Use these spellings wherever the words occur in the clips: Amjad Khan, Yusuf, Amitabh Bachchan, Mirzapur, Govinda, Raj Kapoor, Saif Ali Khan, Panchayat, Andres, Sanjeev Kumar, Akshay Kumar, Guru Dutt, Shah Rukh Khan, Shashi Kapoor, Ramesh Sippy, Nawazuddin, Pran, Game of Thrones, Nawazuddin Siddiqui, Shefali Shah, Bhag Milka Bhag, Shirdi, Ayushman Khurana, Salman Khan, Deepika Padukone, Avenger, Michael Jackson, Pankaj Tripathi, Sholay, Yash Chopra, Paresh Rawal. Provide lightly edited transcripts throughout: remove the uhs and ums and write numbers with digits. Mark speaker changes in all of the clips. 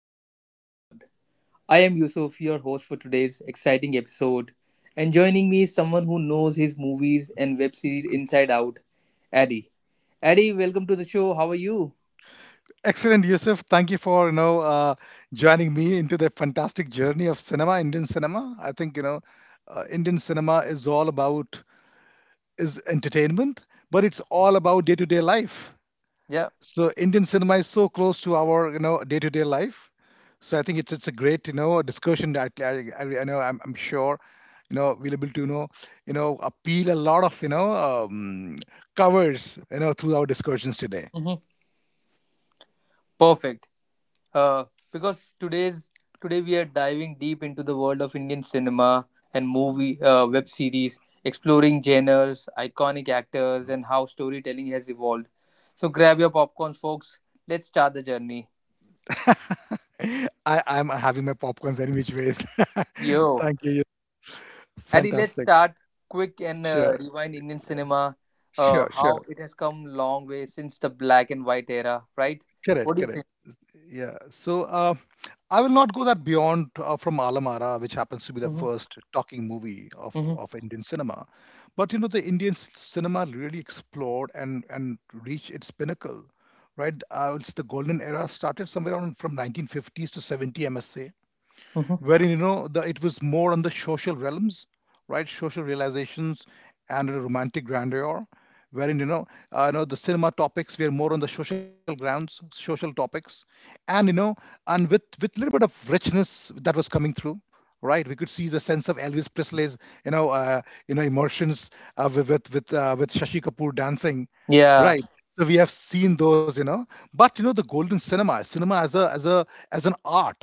Speaker 1: Cinema Unplugged. I am Yusuf, your host for today's exciting episode. And joining me is someone who knows his movies and web series inside out, Addy. Addy, welcome to the show. How are you?
Speaker 2: Excellent, Yusuf. Thank you for joining me into the fantastic journey of cinema, Indian cinema. I think Indian cinema is all about is entertainment, but it's all about day-to-day life.
Speaker 1: Yeah.
Speaker 2: So Indian cinema is so close to our day-to-day life. So I think it's a great discussion that I know, I'm sure we'll be able to appeal a lot of covers through our discussions today.
Speaker 1: Hmm. Perfect. uh, because today we are diving deep into the world of Indian cinema and movie web series, exploring genres, iconic actors, and how storytelling has evolved. So grab your popcorns, folks. Let's start the journey.
Speaker 2: I'm having my popcorns any which ways.
Speaker 1: Yo,
Speaker 2: Thank you.
Speaker 1: Adi, let's
Speaker 2: Fantastic.
Speaker 1: start quick and
Speaker 2: Sure,
Speaker 1: rewind Indian cinema.
Speaker 2: sure, sure.
Speaker 1: How it has come long way since the black and white era, right?
Speaker 2: Correct,
Speaker 1: What do you
Speaker 2: correct.
Speaker 1: think?
Speaker 2: Yeah. So I will not go that beyond from Alamara, which happens to be the
Speaker 1: Hmm.
Speaker 2: first talking movie
Speaker 1: Hmm.
Speaker 2: of Indian cinema. But the Indian cinema really explored and reached its pinnacle, right? It's the golden era started somewhere around from 1950s to 70, I say,
Speaker 1: Hmm.
Speaker 2: wherein the it was more on the social realms, right? Social realizations and a romantic grandeur, wherein the cinema topics were more on the social grounds, social topics, and and with little bit of richness that was coming through. Right, we could see the sense of Elvis Presley's, you know, uh, emotions, with with Shashi Kapoor dancing,
Speaker 1: Yeah,
Speaker 2: right? So we have seen those. But the golden cinema, as an art,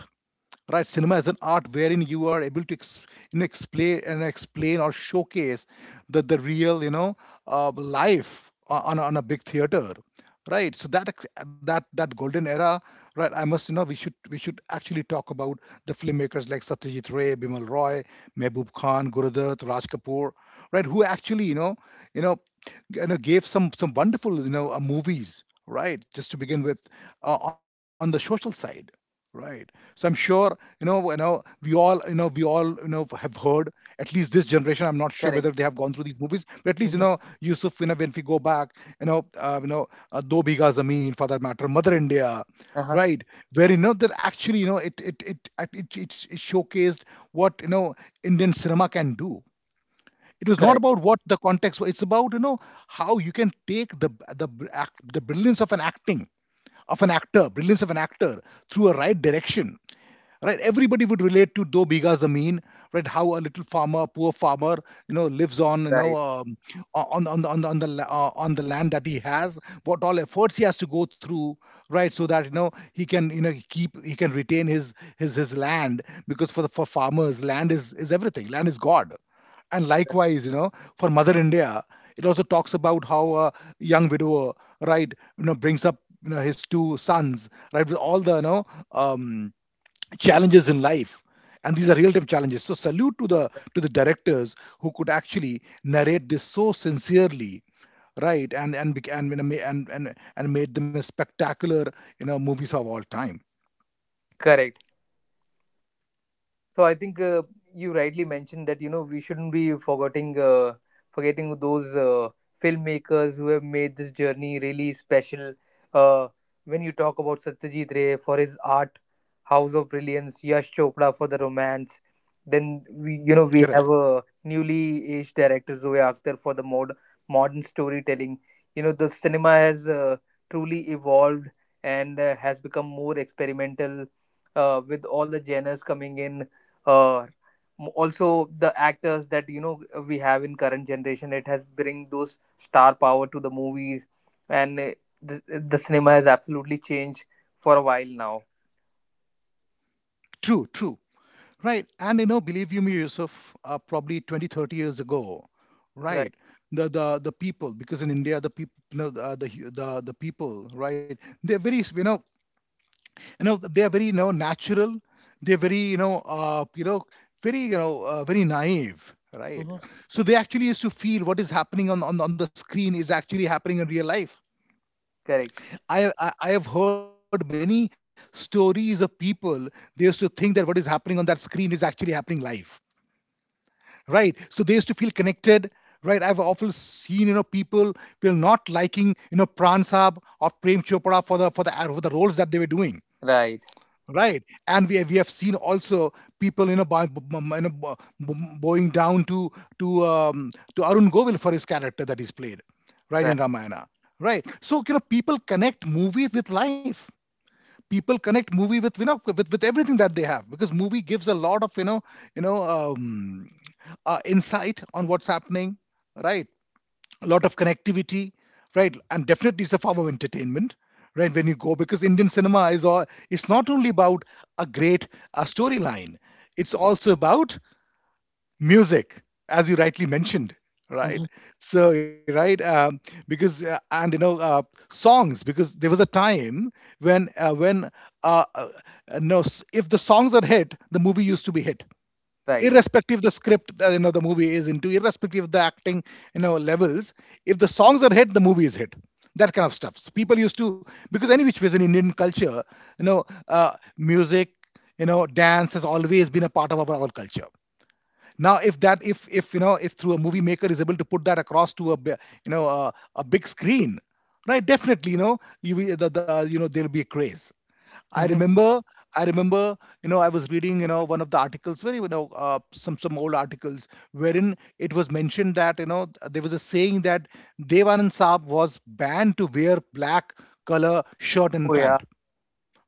Speaker 2: right. Cinema is an art wherein you are able to explain and explain or showcase the real life on a big theater, right. So that that golden era, right. I must, we should, actually talk about the filmmakers like Satyajit Ray, Bimal Roy, Mehboob Khan, gurudutt raj Kapoor, right, who actually you know gave some wonderful movies, right, just to begin with, on the social side. Right. So I'm sure, we all, have heard, at least this generation, I'm not sure whether they
Speaker 1: correct.
Speaker 2: have gone through these movies, but at least,
Speaker 1: Hmm.
Speaker 2: Yusuf, when we go back, Do Bigha Zameen, for that matter, Mother India,
Speaker 1: Uh-huh.
Speaker 2: right? Where, that actually, it showcased what, Indian cinema can do. It was
Speaker 1: Correct.
Speaker 2: not about what the context was. It's about, how you can take the brilliance of an acting of an actor, brilliance of an actor through a right direction, right. Everybody would relate to Do Biga Zameen, right. How a little farmer, poor farmer, lives on,
Speaker 1: Right.
Speaker 2: on the, on the land that he has, what all efforts he has to go through, right, so that he can, you know keep he can retain his land, because for the for farmers, land is everything. Land is god. And likewise, for Mother India, it also talks about how a young widower, right, brings up, his two sons, right, with all the um challenges in life. And these are real-time challenges, so salute to the directors who could actually narrate this so sincerely, right. And bec- and, And made them a spectacular movies of all time.
Speaker 1: Correct. So I think you rightly mentioned that you know we shouldn't be forgetting those filmmakers who have made this journey really special. Uh, when you talk about Satyajit Ray for his art, House of Brilliance, Yash Chopra for the romance, then we you know
Speaker 2: Correct.
Speaker 1: we have a newly aged director Zoe Akhtar for the modern storytelling. You know the cinema has truly evolved and has become more experimental with all the genres coming in, uh, also the actors that you know we have in current generation, it has bring those star power to the movies, and the, the cinema has absolutely changed for a while now,
Speaker 2: True, true. Right. And believe you me, Yusuf, probably 20 30 years ago,
Speaker 1: right?
Speaker 2: right, the people, because in India the people, the people, right, they're very, they are very natural. They're very, you know very naive, right.
Speaker 1: Hmm.
Speaker 2: So they actually used to feel what is happening on, on the screen is actually happening in real life.
Speaker 1: Correct.
Speaker 2: I, I have heard many stories of people. They used to think that what is happening on that screen is actually happening live, right, so they used to feel connected, right. I've often seen, people will not liking, Pran Saab or Prem Chopra for the for the for the roles that they were doing,
Speaker 1: Right.
Speaker 2: right. And we have seen also people, you know, bow, b- b- you know bo- b- bowing down to to Arun Govil for his character that he's played, right,
Speaker 1: Right.
Speaker 2: in Ramayana, right. So people connect movie with life. People connect movie with, with everything that they have, because movie gives a lot of, you know um, insight on what's happening, right, a lot of connectivity, right. And definitely it's a form of entertainment, right. When you go, because Indian cinema is all, it's not only about a great, storyline. It's also about music, as you rightly mentioned,
Speaker 1: Hmm.
Speaker 2: right. So, right, because, and songs, because there was a time when, uh, uh, no, if the songs are hit, the movie used to be hit,
Speaker 1: Right.
Speaker 2: irrespective the script that the movie is into, irrespective of the acting levels. If the songs are hit, the movie is hit. That kind of stuff. So people used to, because any which was in Indian culture, music, dance has always been a part of our culture. Now if that if you know if through a movie maker is able to put that across to a a big screen, right, definitely, the, there'll be a craze. I
Speaker 1: Hmm.
Speaker 2: remember, I remember, I was reading, one of the articles, very, some old articles, wherein it was mentioned that, there was a saying that Devanand Saab was banned to wear black color shirt and
Speaker 1: Oh yeah.
Speaker 2: pant,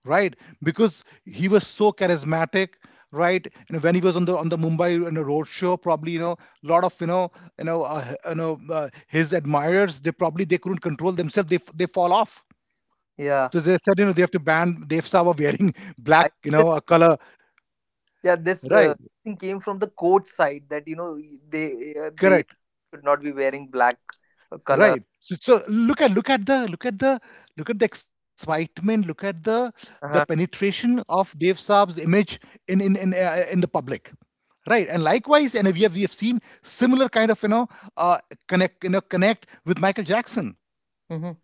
Speaker 2: right, because he was so charismatic, right. When he was on the Mumbai, road show, probably, a lot of, his admirers, they probably, they couldn't control themselves, they fall off. So
Speaker 1: Yeah,
Speaker 2: they said, they have to ban Dev Sawa wearing black,
Speaker 1: I
Speaker 2: a
Speaker 1: this
Speaker 2: color,
Speaker 1: yeah, this
Speaker 2: right.
Speaker 1: thing came from the coach side that you know they they
Speaker 2: Correct.
Speaker 1: should not be wearing black color.
Speaker 2: Right. So, look at, look at the excitement. Look at the
Speaker 1: Uh-huh.
Speaker 2: penetration of Dev Saab's image in the public. Right. And likewise, and we have seen similar kind of, you know uh, connect you know connect with Michael Jackson.
Speaker 1: Hmm.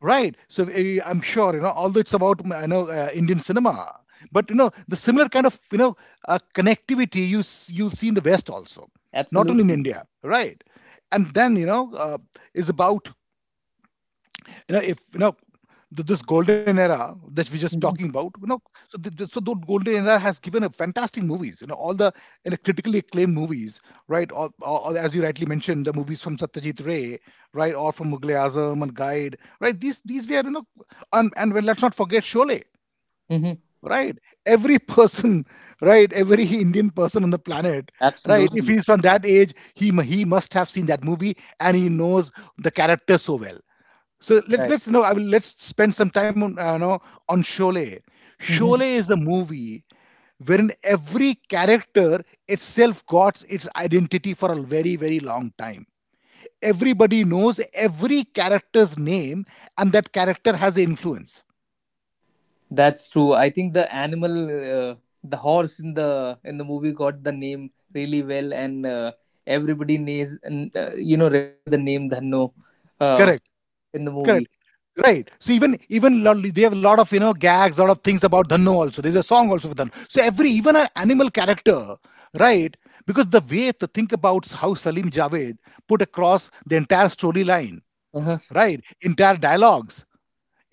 Speaker 2: Right. So, I'm sure although it's about, I know, Indian cinema, but the similar kind of, connectivity you'll see in the West also, not only in
Speaker 1: Absolutely.
Speaker 2: India. Right. And then, is about, if this golden era that we're just talking
Speaker 1: Hmm.
Speaker 2: about, so the golden era has given a fantastic movies, all the, critically acclaimed movies, right, or as you rightly mentioned, the movies from Satyajit Ray, right, or from mughal e azam and Guide, right. These were, and, well, let's not forget Sholay,
Speaker 1: Hmm.
Speaker 2: right. Every person, right, every Indian person on the planet, right, if
Speaker 1: Absolutely
Speaker 2: he's from that age, he must have seen that movie, and he knows the character so well. So let's know. I will Let's spend some time on you know on Sholay.
Speaker 1: right.
Speaker 2: Sholay is a movie wherein every character itself got its identity for a very, very long time. Everybody knows every character's name, and that character has influence.
Speaker 1: That's true. I think the animal, the horse in the movie got the name really well, and everybody you know, remember the name Dhanno, uh,
Speaker 2: Correct.
Speaker 1: in the movie.
Speaker 2: Correct. Right. So they have a lot of gags, a lot of things about Dhannu also. There's a song also for Dhannu. So every, even an animal character, right. Because the way to think about how Salim Javed put across the entire storyline,
Speaker 1: Uh-huh.
Speaker 2: right, entire dialogues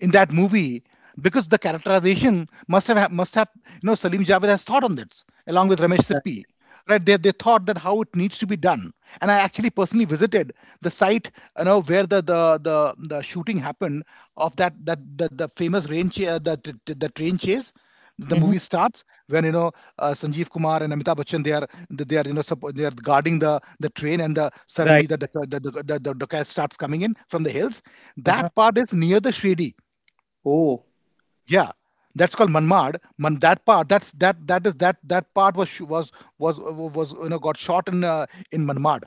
Speaker 2: in that movie, because the characterization must have, Salim Javed has thought on this along with Ramesh
Speaker 1: Right.
Speaker 2: Sippy. Right, they thought that how it needs to be done, and I actually personally visited the site, where the the shooting happened of the famous rain cha- the train chase. The
Speaker 1: Hmm.
Speaker 2: movie starts when Sanjeev Kumar and Amitabh Bachchan they are you know suppo- they are guarding the train and the suddenly
Speaker 1: Right.
Speaker 2: the
Speaker 1: Right.
Speaker 2: the starts coming in from the hills.
Speaker 1: Uh-huh.
Speaker 2: That part is near the Shirdi,
Speaker 1: Oh,
Speaker 2: yeah, that's called Manmad. That part, that's that that is that that part was shoo- was you know got shot in Manmad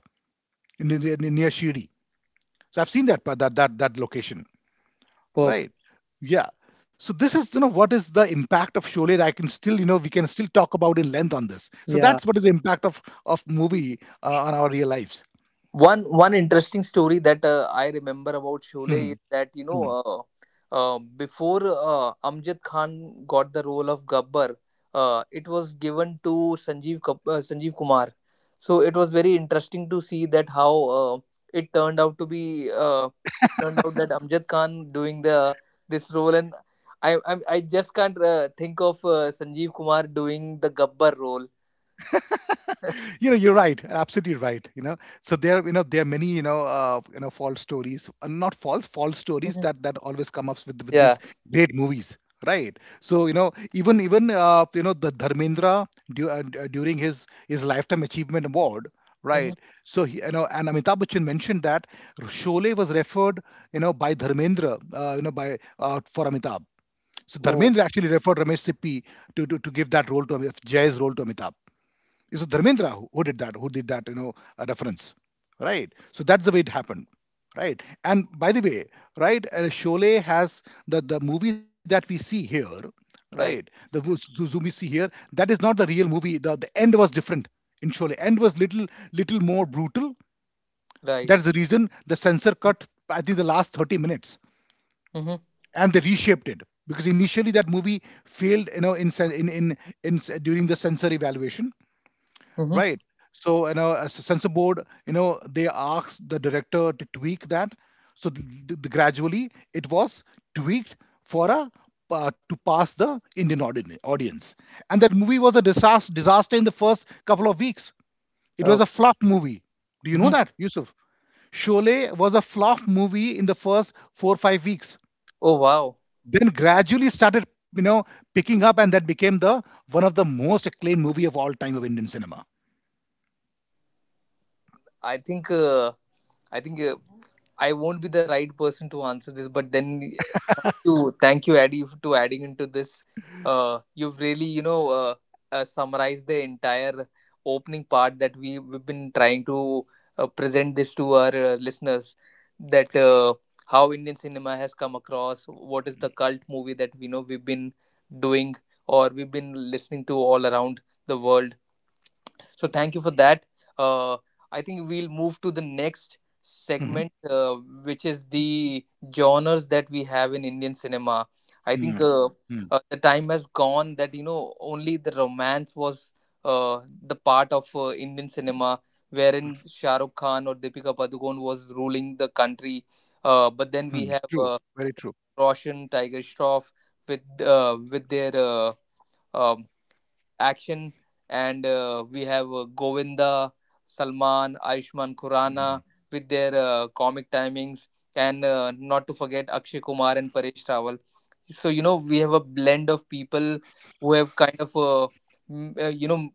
Speaker 2: near Shiri. So I've seen that part- that that that location,
Speaker 1: perfect.
Speaker 2: right? Yeah. So this is you know what is the impact of Sholay that I can still you know we can still talk about in length on this. So
Speaker 1: Yeah.
Speaker 2: that's what is the impact of movie, on our real lives.
Speaker 1: One interesting story that I remember about Sholay
Speaker 2: Hmm.
Speaker 1: is that you know
Speaker 2: Hmm.
Speaker 1: before Amjad Khan got the role of Gabbar, it was given to Sanjeev Kumar. So it was very interesting to see that how it turned out to be. It turned out that Amjad Khan doing the this role, and I just can't think of Sanjeev Kumar doing the Gabbar role.
Speaker 2: You know you're right, absolutely right. You know, there there are many false stories, not false, false stories
Speaker 1: Mhm.
Speaker 2: that always come up with
Speaker 1: Yeah.
Speaker 2: these great movies, right? so you know even even you know the dharmendra, during his lifetime achievement award,
Speaker 1: Hmm.
Speaker 2: right? So he, you know, and Amitabh Bachchan mentioned that Sholay was referred, you know, by Dharmendra, by, for Amitabh. So
Speaker 1: Oh,
Speaker 2: Dharmendra actually referred Ramesh Sippy to give that role to Jay's role to Amitabh. It was Dharmendra who did that, you know, reference, right? So that's the way it happened, right? And by the way, right, Sholay has the movie that we see here, right?
Speaker 1: right,
Speaker 2: The zoom we see here, that is not the real movie. The end was different in Sholay. End was little more brutal.
Speaker 1: right.
Speaker 2: That's the reason the censor cut, I think, the last 30 minutes,
Speaker 1: Mhm.
Speaker 2: and they reshaped it because initially that movie failed, you know, in during the censor evaluation,
Speaker 1: Mm-hmm.
Speaker 2: right? So you know, as a censor board, you know, they asked the director to tweak that. So gradually it was tweaked for a, to pass the Indian audience. And that movie was a disaster in the first couple of weeks. It
Speaker 1: Oh.
Speaker 2: was a flop movie. Do you
Speaker 1: Mm-hmm.
Speaker 2: know that, Yusuf? Sholay was a flop movie in the first 4 or 5 weeks.
Speaker 1: Oh wow.
Speaker 2: Then gradually started, you know, picking up, and that became the one of the most acclaimed movie of all time of Indian cinema.
Speaker 1: I think uh, I think uh, I won't be the right person to answer this, but then you thank you, Addy, to adding into this. You've really, you know, summarized the entire opening part that we we've been trying to present this to our listeners. That how Indian cinema has come across, what is the cult movie that we know we've been doing or we've been listening to all around the world. So thank you for that. Uh, I think we'll move to the next segment,
Speaker 2: Mhm.
Speaker 1: which is the genres that we have in Indian cinema. I think
Speaker 2: Hmm. Hmm.
Speaker 1: the time has gone that you know only the romance was the part of Indian cinema, wherein Shah Rukh Khan or Deepika Padukone was ruling the country. But then
Speaker 2: Hmm,
Speaker 1: we have
Speaker 2: true, very true.
Speaker 1: Roshan, Tiger Shroff with their um action, and we have Govinda, Salman, ayushman khurana
Speaker 2: Mm.
Speaker 1: with their comic timings, and not to forget Akshay Kumar and Paresh Rawal. So you know we have a blend of people who have kind of you know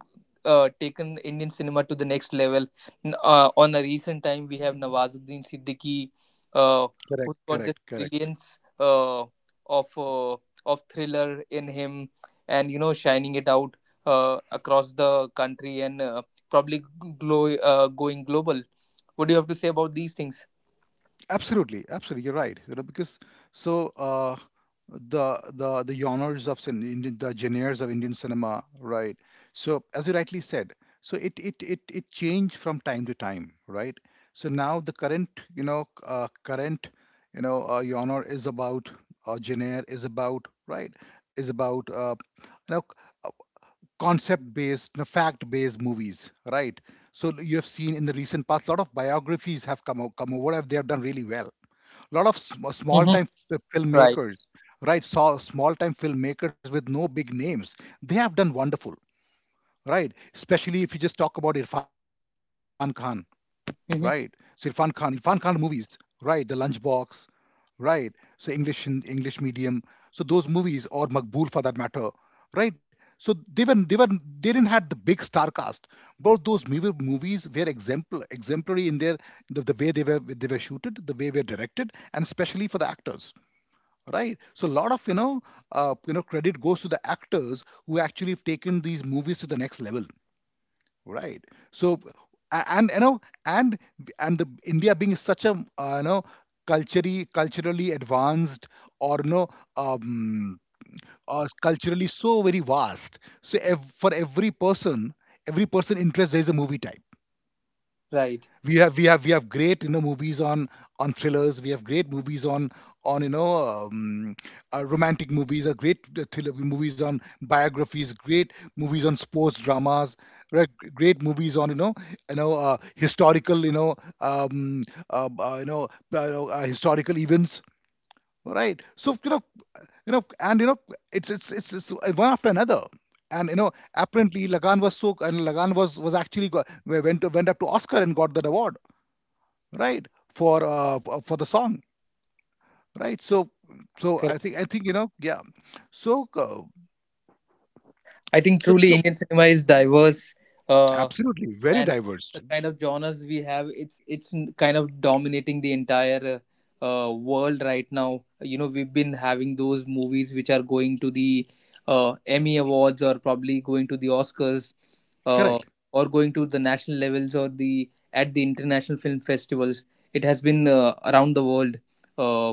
Speaker 1: taken Indian cinema to the next level. On a recent time we have Nawazuddin Siddiqui, uh,
Speaker 2: Correct,
Speaker 1: who's got this
Speaker 2: correct, correct.
Speaker 1: brilliance uh, of uh, of thriller in him, and you know shining it out across the country, and probably going global. What do you have to say about these things?
Speaker 2: Absolutely, absolutely. You're right. You know, because so, the genres of Indian, the genres of Indian cinema, right? So as you rightly said, so it changed from time to time, right? So now the current, you know, current, you know, genre is about, right, is about, you know, concept based, you know, fact based movies, right? So, you have seen in the recent past, a lot of biographies have come out, come over, and they have done really well. A lot of
Speaker 1: Hmm.
Speaker 2: small time
Speaker 1: Right.
Speaker 2: filmmakers, right? So small time filmmakers with no big names, they have done wonderful, right? Especially if you just talk about Irfan Khan, right? So
Speaker 1: Hmm.
Speaker 2: Irfan Khan, movies, right? The Lunchbox, right? So English in English medium. So those movies or Makbul for that matter, right? So they didn't had the big star cast, but those movies were exemplary in their, the way they were shooted, the way they were directed, and especially for the actors, right? So a lot of credit goes to the actors who actually have taken these movies to the next level. Right. So, and you know, and the India being such a, uh, you know culturally advanced, or no, um, culturally so very vast. So, for every person interest, there is a movie type.
Speaker 1: Right.
Speaker 2: We have great, you know, movies on thrillers. We have great movies on, you know, romantic movies, great, thriller movies, on biographies, great movies on sports dramas, right, great movies on, you know, you know, historical, you know, um, uh, uh, you know historical events, right? So you know, you know and you know it's it's one after another. And you know, apparently Lagan was so, and Lagan was actually went, went up to Oscar and got that award, right, for, for the song, right. So, so I
Speaker 1: Correct.
Speaker 2: think, you know, yeah. So,
Speaker 1: I think
Speaker 2: so,
Speaker 1: truly
Speaker 2: so
Speaker 1: Indian cinema is diverse. Uh,
Speaker 2: absolutely very
Speaker 1: and
Speaker 2: diverse.
Speaker 1: the kind of genres we have, kind of dominating the entire world right now. You know we've been having those movies which are going to the Emmy Awards or probably going to the Oscars, uh,
Speaker 2: Correct.
Speaker 1: or going to the national levels or the at the international film festivals. It has been around the world. uh,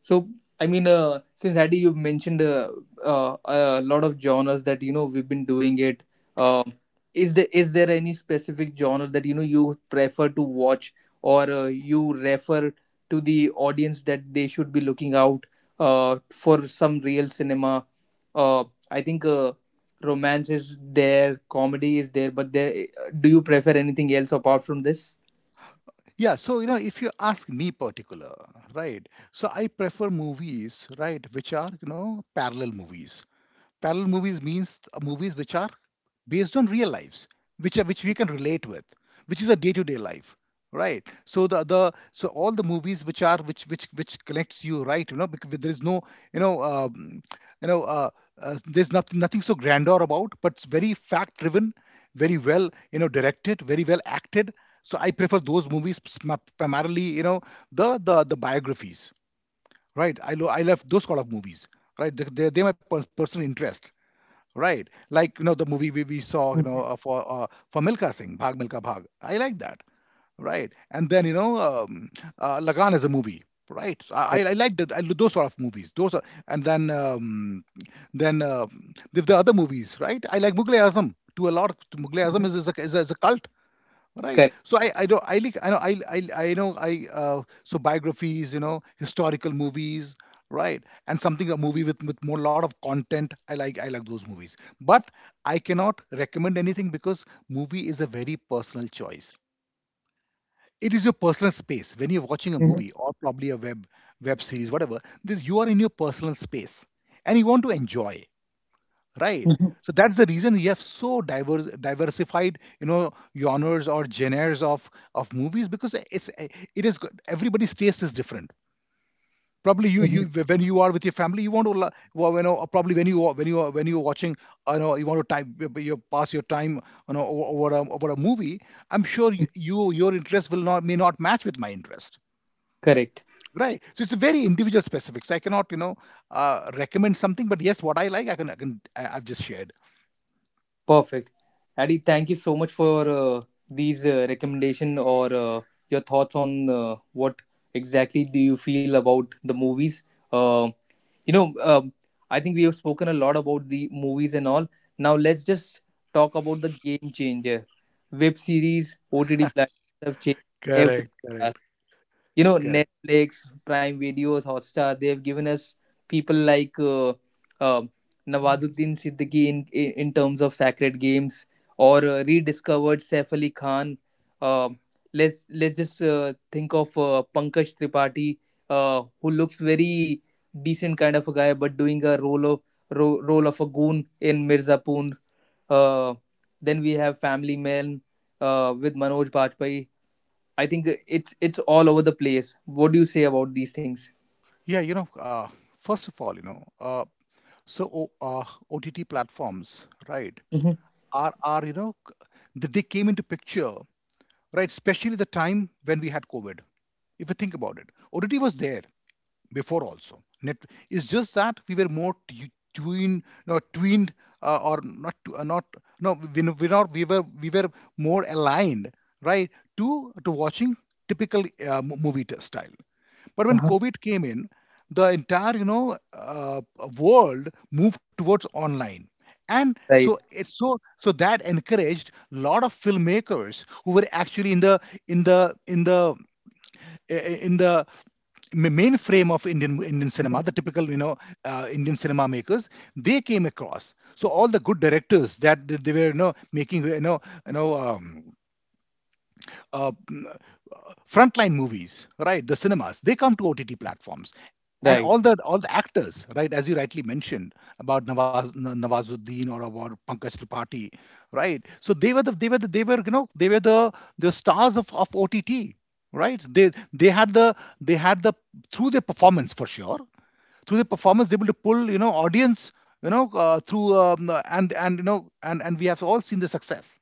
Speaker 1: so, I mean, since Adi, you've mentioned a lot of genres that you know we've been doing it. Um is there is there any specific genre that you know you prefer to watch or you refer to the audience that they should be looking out for some real cinema? Uh, I think romance is there, comedy is there, but there, do you prefer anything else apart from this?
Speaker 2: Yeah, so you know, if you ask me particular, right, so I prefer movies, right, which are, you know, parallel movies. Parallel movies means, movies which are based on real lives, which are, which we can relate with, which is a day-to-day life, right? So the so all the movies which are, which connects you, right? You know, because there is no, you know um, you know uh, there's nothing so grandeur about, but it's very fact-driven, very well, you know, directed, very well acted. So I prefer those movies, primarily, you know, the biographies, right? I love those kind of movies, right? They're my personal interest. Right. Like, you know, the movie we, saw, you know, for Milka Singh, Bhag Milka Bhag. I like that. Right. And then, you know, um, Lagan is a movie. Right.
Speaker 1: Correct.
Speaker 2: I like that. Those sort of movies. Those are, and then, then, the, other movies, right? I like Mughal Azam to a lot. Mughal Azam is a cult. Right.
Speaker 1: Correct.
Speaker 2: So, I don't I like I know I know I so, biographies, you know, historical movies, right? And something, a movie with more lot of content. I like those movies. But I cannot recommend anything because movie is a very personal choice. It is your personal space when you're watching a
Speaker 1: Mhm.
Speaker 2: movie, or probably a web series, whatever. This, you are in your personal space and you want to enjoy, right?
Speaker 1: Mhm.
Speaker 2: So that's the reason we have so diverse diversified, you know, genres, or genres of movies, because it's, it is good, everybody's taste is different. Probably
Speaker 1: Mhm.
Speaker 2: you, when you are with your family, you want to, well, you know, probably when you are- when you are when you're watching, you know, you want to, time you pass your time, you know, over a movie. I'm sure your interest will not, may not, match with my interest,
Speaker 1: Correct.
Speaker 2: right? So it's a very individual specific, so I cannot, you know, recommend something, but yes, what I like, I can, I've just shared.
Speaker 1: Perfect. Adi, thank you so much for these recommendation or your thoughts on what exactly do you feel about the movies. Um you know, I think we have spoken a lot about the movies and all. Now let's just talk about the game changer. Web series, OTT platforms have changed everything.
Speaker 2: Correct, correct.
Speaker 1: You know,
Speaker 2: Correct.
Speaker 1: Netflix, Prime Videos, Hotstar, they've given us people like uh, Nawazuddin Siddiqui in terms of Sacred Games, or rediscovered Saif Ali Khan, uh, let's just think of Pankaj Tripathi, who looks very decent kind of a guy but doing a role of ro- role of a goon in Mirzapur. uh, then we have Family Man with Manoj Bajpayee. I think it's all over the place. What do you say about these things?
Speaker 2: Yeah, you know, first of all, you know, so o- uh, OTT platforms, right,
Speaker 1: Mhm.
Speaker 2: are you know, they came into picture, right, especially the time when we had COVID. If you think about it, OTT was there before also. It's just that we were more tuned, no, twined, or not, tu- not, no, we, n- we not, we were more aligned, right, to watching typical, movie style. But when
Speaker 1: Uh-huh.
Speaker 2: COVID came in, the entire, you know, world moved towards online, and so
Speaker 1: Right,
Speaker 2: it so so that encouraged a lot of filmmakers who were actually in the, in the in the in the mainframe of Indian cinema, the typical, you know, Indian cinema makers, they came across. So all the good directors that they were, you know, making, you know um, uh, frontline movies, right? The cinemas, they come to OTT platforms. And
Speaker 1: right,
Speaker 2: all the actors, right, as you rightly mentioned about Nawaz, Nawazuddin, or about Pankaj Tripathi, right? So they were the they were the, they were you know they were the stars of, OTT, right? They had the, through their performance, for sure, through their performance they were able to pull, you know, audience, you know, through and and we have all seen the success,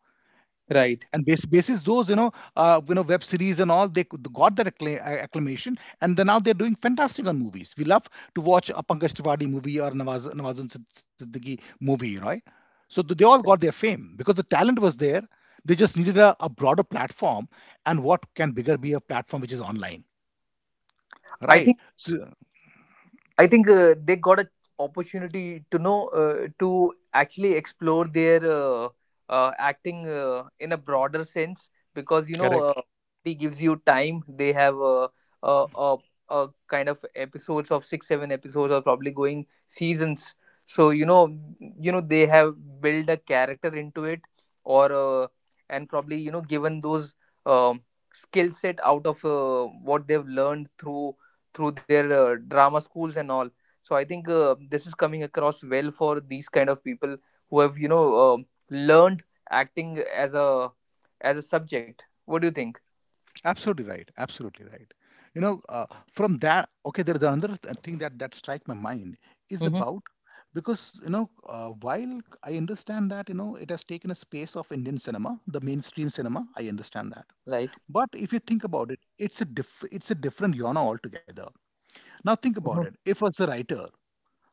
Speaker 1: right.
Speaker 2: and basis those, you know, web series and all, they got that acclamation, and then now they're doing fantastic on movies. We love to watch a Pankaj Tripathi movie or Nawaz, Siddiqui movie, right? So they all got their fame because the talent was there, they just needed a broader platform. And what can bigger be a platform which is online,
Speaker 1: I
Speaker 2: right?
Speaker 1: think
Speaker 2: So,
Speaker 1: I think they got an opportunity to know to actually explore their acting in a broader sense, because you know
Speaker 2: correct.
Speaker 1: it gives you time. They have a uh, uh, kind of episodes of 6, 7 episodes or probably going seasons. So you know they have built a character into it, or and probably you know given those um, skill set out of what they've learned through their drama schools and all. So I think this is coming across well for these kind of people who have you know learned acting as a subject. What do you think?
Speaker 2: Absolutely right. Absolutely right. You know, from that, okay, there's another thing that strike my mind is
Speaker 1: Mm-hmm.
Speaker 2: about. Because you know, while I understand that you know it has taken a space of Indian cinema, the mainstream cinema, I understand that.
Speaker 1: Right.
Speaker 2: But if you think about it, it's a different genre altogether. Now think about
Speaker 1: Hmm.
Speaker 2: it. If as a writer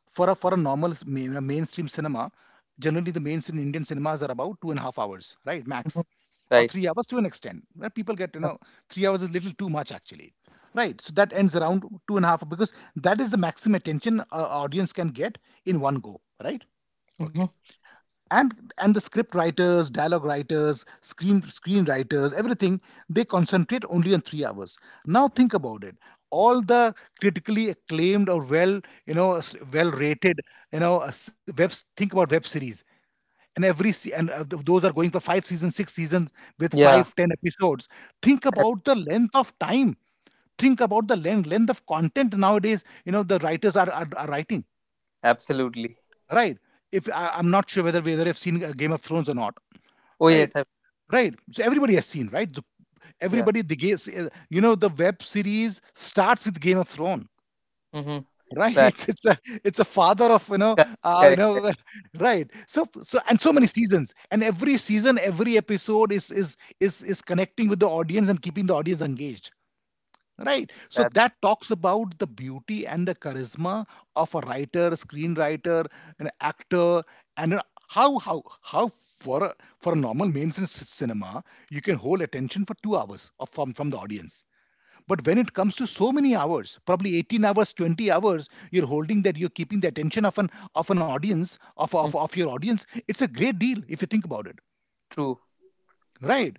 Speaker 2: for a normal a mainstream cinema, generally the mainstream Indian cinemas are about 2.5 hours, right,
Speaker 1: Hmm.
Speaker 2: max, or
Speaker 1: Right.
Speaker 2: 3 hours to an extent. Where people get, you know, 3 hours is little too much actually, right? So that ends around 2.5, because that is the maximum attention a audience can get in one go, right?
Speaker 1: Mm-hmm.
Speaker 2: Okay. And the script writers, dialogue writers, screenwriters, everything, they concentrate only on 3 hours. Now think about it. All the critically acclaimed or, well, you know, well rated, you know, s- web think about web series. And those are going for 5 seasons, 6 seasons, with
Speaker 1: Yeah.
Speaker 2: 5-10 episodes. Think
Speaker 1: Correct.
Speaker 2: about the length of time. Think about the length of content nowadays. You know the writers are writing,
Speaker 1: Absolutely.
Speaker 2: right? If I'm not sure whether I've seen Game of Thrones or not,
Speaker 1: Oh
Speaker 2: right?
Speaker 1: yes.
Speaker 2: Right so everybody has seen, right? The-
Speaker 1: Yeah.
Speaker 2: everybody the game You know, the web series starts with Game of Thrones,
Speaker 1: Mm-hmm.
Speaker 2: right?
Speaker 1: Right.
Speaker 2: It's a father of, you know,
Speaker 1: Correct.
Speaker 2: you
Speaker 1: Correct. Correct.
Speaker 2: know. Right, so and so many seasons, and every season, every episode, is connecting with the audience and keeping the audience engaged, right?
Speaker 1: That's
Speaker 2: That talks about the beauty and the charisma of a writer, screenwriter, an actor, and how how how, for for a normal mainstream cinema, you can hold attention for 2 hours of, from the audience. But when it comes to so many hours, probably 18 hours, 20 hours, you're holding that, you're keeping the attention of an audience, of,
Speaker 1: Mhm.
Speaker 2: of your audience. It's a great deal if you think about it.
Speaker 1: true.
Speaker 2: Right.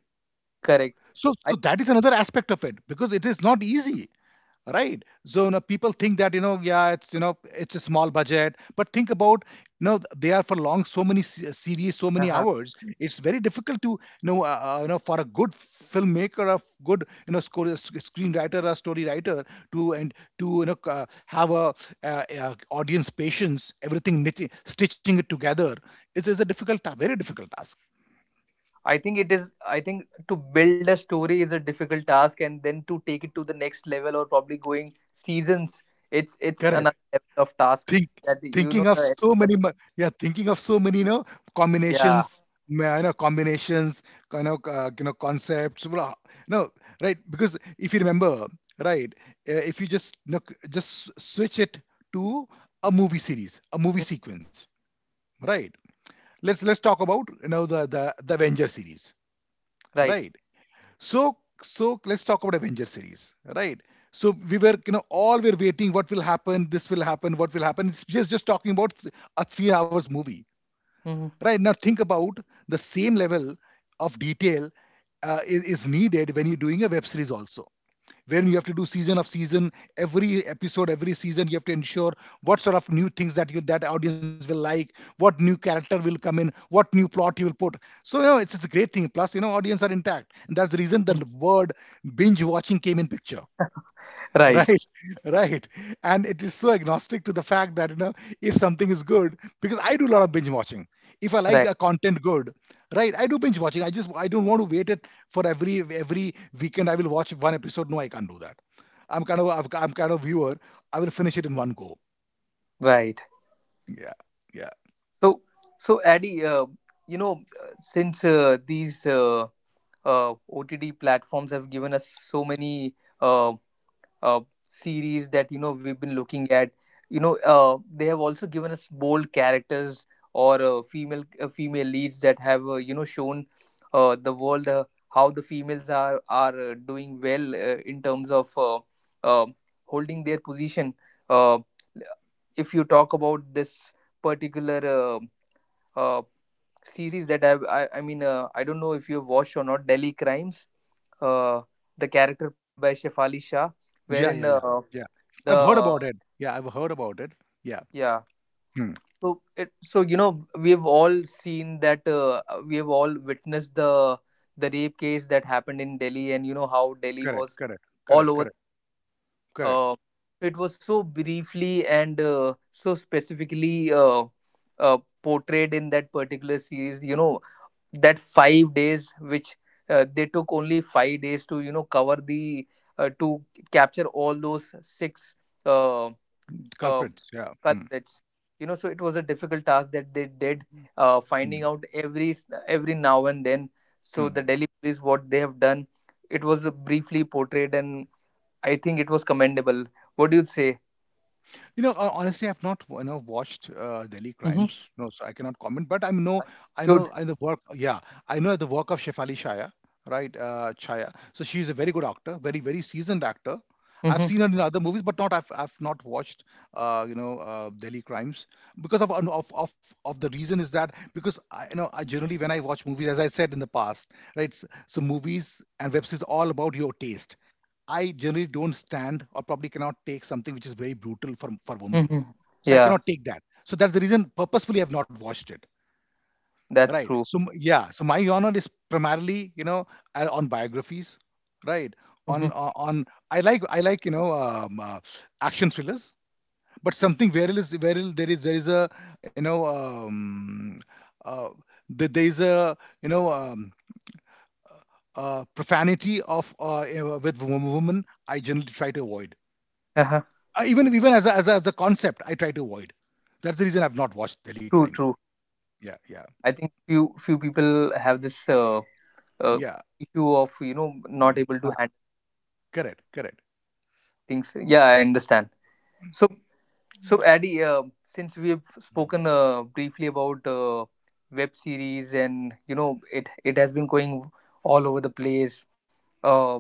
Speaker 1: Correct. I.
Speaker 2: So that is another aspect of it, because it is not easy, right? So you know, people think that, you know, yeah, it's, you know, it's a small budget, but think about, you know, they are for long, so many series, so many
Speaker 1: Uh-huh.
Speaker 2: hours. It's very difficult to, you know, you know, for a good filmmaker, a good, you know, screenwriter, a story writer, to, you know, have audience patience, everything, knitting, stitching it together. It is a very difficult task.
Speaker 1: I think it is. I think to build a story is a difficult task, and then to take it to the next level or probably going seasons, it's
Speaker 2: Correct.
Speaker 1: another level of task
Speaker 2: Think
Speaker 1: that you
Speaker 2: Thinking
Speaker 1: know
Speaker 2: of
Speaker 1: the
Speaker 2: so many
Speaker 1: extra bit-
Speaker 2: thinking of so many, you know,
Speaker 1: Yeah.
Speaker 2: combinations, ma you know, combinations, kind of, you know, concepts, blah. No, right? Because if you remember, right, if you just, you know, switch it to a movie series, a movie
Speaker 1: Mm,
Speaker 2: sequence, right? Let's talk about, you know, the Avenger series,
Speaker 1: right.
Speaker 2: right? So let's talk about Avenger series, right? So we were, you know, all were waiting. What will happen? This will happen. What will happen? It's just talking about a 3 hours movie,
Speaker 1: Mhm.
Speaker 2: right? Now think about the same level of detail is needed when you're doing a web series also, when you have to do season of season, every episode, every season, you have to ensure what sort of new things that audience will like, what new character will come in, what new plot you will put. So, you know, it's a great thing. Plus, you know, audience are intact, and that's the reason the
Speaker 1: Mm,
Speaker 2: word binge watching came in picture.
Speaker 1: right.
Speaker 2: Right, right, and it is so agnostic to the fact that, you know, if something is good, because I do a lot of binge watching. If I like the
Speaker 1: Right.
Speaker 2: content good, right, I do binge watching. I don't want to wait it for every weekend. I will watch one episode. No, I can't do that. I'm kind of viewer. I will finish it in one go.
Speaker 1: Right.
Speaker 2: Yeah, yeah,
Speaker 1: So so Addy, you know since these OTD platforms have given us so many um uh, series that you know we've been looking at. You know they have also given us bold characters, or female leads that have you know shown the world how the females are doing well in terms of uh, holding their position. uh, if you talk about this particular uh, series that I've, I mean I don't know if you've watched or not, Delhi Crimes, uh the character played by Shefali Shah,
Speaker 2: yeah,
Speaker 1: wherein
Speaker 2: yeah, yeah, yeah. I've heard
Speaker 1: the
Speaker 2: about it. Yeah, I've heard about it. Yeah.
Speaker 1: yeah,
Speaker 2: Hmm.
Speaker 1: so it so you know we've all seen that we have all witnessed the rape case that happened in Delhi, and you know how Delhi
Speaker 2: Correct.
Speaker 1: was
Speaker 2: Correct.
Speaker 1: all
Speaker 2: Correct.
Speaker 1: over.
Speaker 2: Correct. Correct.
Speaker 1: uh, it was so briefly and so specifically uh, portrayed in that particular series, you know, that 5 days, which they took only 5 days to you know cover the to capture all those six uh, uh,
Speaker 2: Culprits. Yeah. Hmm.
Speaker 1: culprits. You know, so it was a difficult task that they did, finding
Speaker 2: Hmm.
Speaker 1: out every every now and then. So
Speaker 2: Hmm.
Speaker 1: the Delhi police, what they have done, it was briefly portrayed, and I think it was commendable. What do you say?
Speaker 2: You know, honestly, I've not, you know, watched Delhi
Speaker 1: Mm-hmm.
Speaker 2: Crimes, no, so I cannot comment. But I know
Speaker 1: Good.
Speaker 2: the work. Yeah, I know the work of Shefali Shaya, right? Chaya. So she's a very good actor, very, very seasoned actor. I've
Speaker 1: Mm-hmm.
Speaker 2: seen her in other movies, but not I've not watched Delhi Crimes because of, no, of, the reason is that because I, you know I generally, when I watch movies, as I said in the past, right? So movies and web series are all about your taste. I generally don't stand or probably cannot take something which is very brutal for women.
Speaker 1: Mm-hmm.
Speaker 2: So I
Speaker 1: Yeah,
Speaker 2: cannot take that. So that's the reason purposefully I've not watched it.
Speaker 1: that's
Speaker 2: Right.
Speaker 1: true.
Speaker 2: So yeah. So my genre is primarily, you know, on biographies. Right.
Speaker 1: Mm-hmm.
Speaker 2: On, I like, you know, action thrillers, but something where it is where it- there is, a, you know, uh, there is a, you know, profanity of, you know, with women, I generally try to avoid.
Speaker 1: Uh-huh.
Speaker 2: Even as a, as a as a concept, I try to avoid. That's the reason I've not watched Delhi
Speaker 1: True,
Speaker 2: Crime.
Speaker 1: true.
Speaker 2: Yeah, yeah,
Speaker 1: I think few few people have this uh,
Speaker 2: yeah.
Speaker 1: issue of you know
Speaker 2: Mm.
Speaker 1: not able
Speaker 2: Ha,
Speaker 1: to handle
Speaker 2: correct, correct.
Speaker 1: things. Yeah, I understand. So
Speaker 2: Mm.
Speaker 1: so Addy, since we have
Speaker 2: Mm.
Speaker 1: spoken briefly about web series and you know it it has been going all over the place. Um,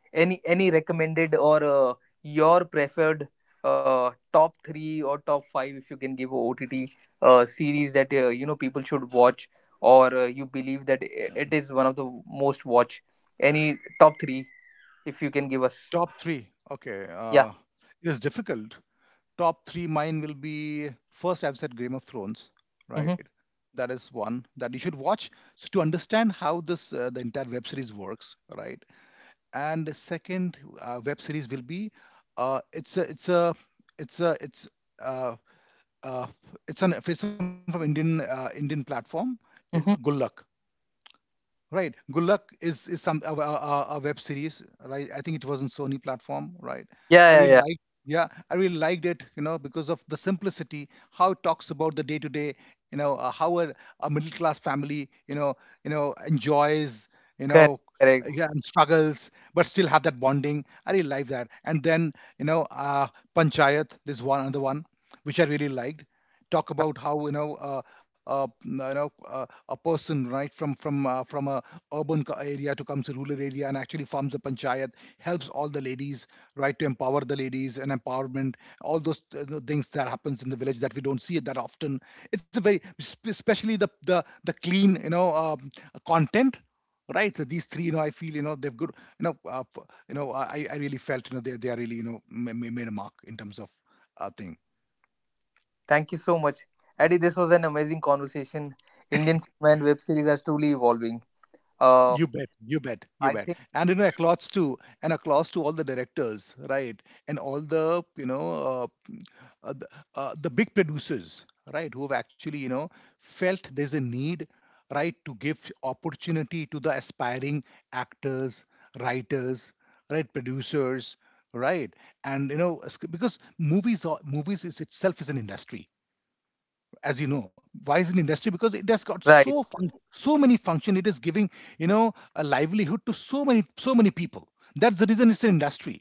Speaker 1: any recommended or your preferred top 3 or top 5, if you can give, OTT series that you know people should watch or you believe that it is one of the most watch. Any top 3, if you can give us.
Speaker 2: Top three. Okay,
Speaker 1: Yeah.
Speaker 2: it is difficult. Top three. Mine will be first. I've said Game of Thrones, right?
Speaker 1: Mm-hmm.
Speaker 2: That is one that you should watch, to understand how this the entire web series works, right? And the second web series will be uh, it's a it's a it's a it's uh, uh, it's an it's some from Indian, Indian platform, Good
Speaker 1: Mm-hmm.
Speaker 2: Luck, right? Good Luck is some a web series, right? I think it was on Sony platform, right?
Speaker 1: Yeah, yeah, yeah.
Speaker 2: Yeah, I really liked it, you know, because of the simplicity, how it talks about the day to day, you know, how a middle class family, you know, enjoys, you know,
Speaker 1: Correct, correct.
Speaker 2: yeah, and struggles, but still have that bonding. I really like that. And then, you know, Panchayat, this one, another one, which I really liked. Talk
Speaker 1: Uh,
Speaker 2: about how, you know, you know, a person right from a urban area to comes to rural area and actually forms a panchayat, helps all the ladies, right, to empower the ladies and empowerment, all those the things that happens in the village that we don't see it that often. It's a very, especially the clean, you know, content, right? So these three, you know, I feel, you know, they've good, you know, you know, I really felt, you know, they are really, you know, made a mark in terms of, thing.
Speaker 1: Thank you so much, Eddie, this was an amazing conversation. Indian cinema and web series are truly evolving.
Speaker 2: You
Speaker 1: uh
Speaker 2: bet, you bet, you
Speaker 1: I
Speaker 2: bet,
Speaker 1: think
Speaker 2: and, you know, a applause to and a applause to all the directors, right, and all the, you know, uh, the, the big producers, right, who have actually, you know, felt there's a need, right, to give opportunity to the aspiring actors, writers, right, producers, right. And, you know, because movies is itself is an industry. As you know, why is it an industry? Because it has got
Speaker 1: right.
Speaker 2: so many function, it is giving, you know, a livelihood to so many, so many people. That's the reason it's an industry.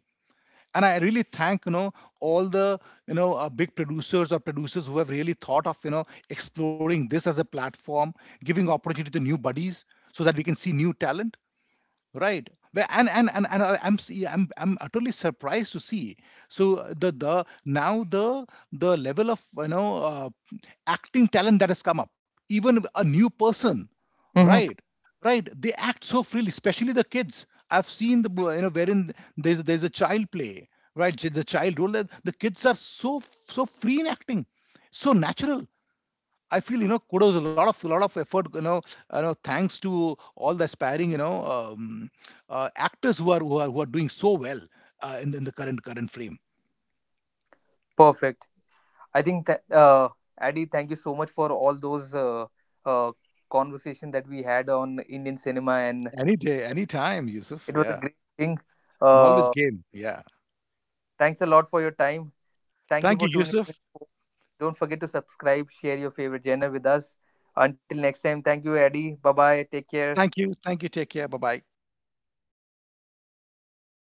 Speaker 2: And I really thank, you know, all the, you know, big producers or producers who have really thought of, you know, exploring this as a platform, giving opportunity to new buddies, so that we can see new talent, right. And I'm utterly surprised to see so uh, the the now the the level of, you know, acting talent that has come up, even a new person, right,
Speaker 1: Mm-hmm.
Speaker 2: right. They act so freely, especially the kids. I've seen the you know, wherein, there's a child play, right, the child role, that the kids are so, so free in acting, so natural. I feel, you know, kudos, a lot of effort, you know, you know, thanks to all the aspiring, you know, actors who are doing so well, in the
Speaker 1: Mm-hmm.
Speaker 2: current frame.
Speaker 1: Perfect. I think that Adi, thank you so much for all those uh, conversation that we had on Indian cinema, and
Speaker 2: Any day, any time, Yusuf.
Speaker 1: it was a
Speaker 2: Yeah,
Speaker 1: great thing.
Speaker 2: I'm always
Speaker 1: Uh,
Speaker 2: game. Yeah.
Speaker 1: Thanks a lot for your time. Thank you for
Speaker 2: Thank you,
Speaker 1: tuning in.
Speaker 2: Yusuf.
Speaker 1: Don't forget to subscribe, share your favorite genre with us. Until next time, thank you, Adi. Bye bye. Take care.
Speaker 2: Thank you. Thank you. Take care. Bye bye.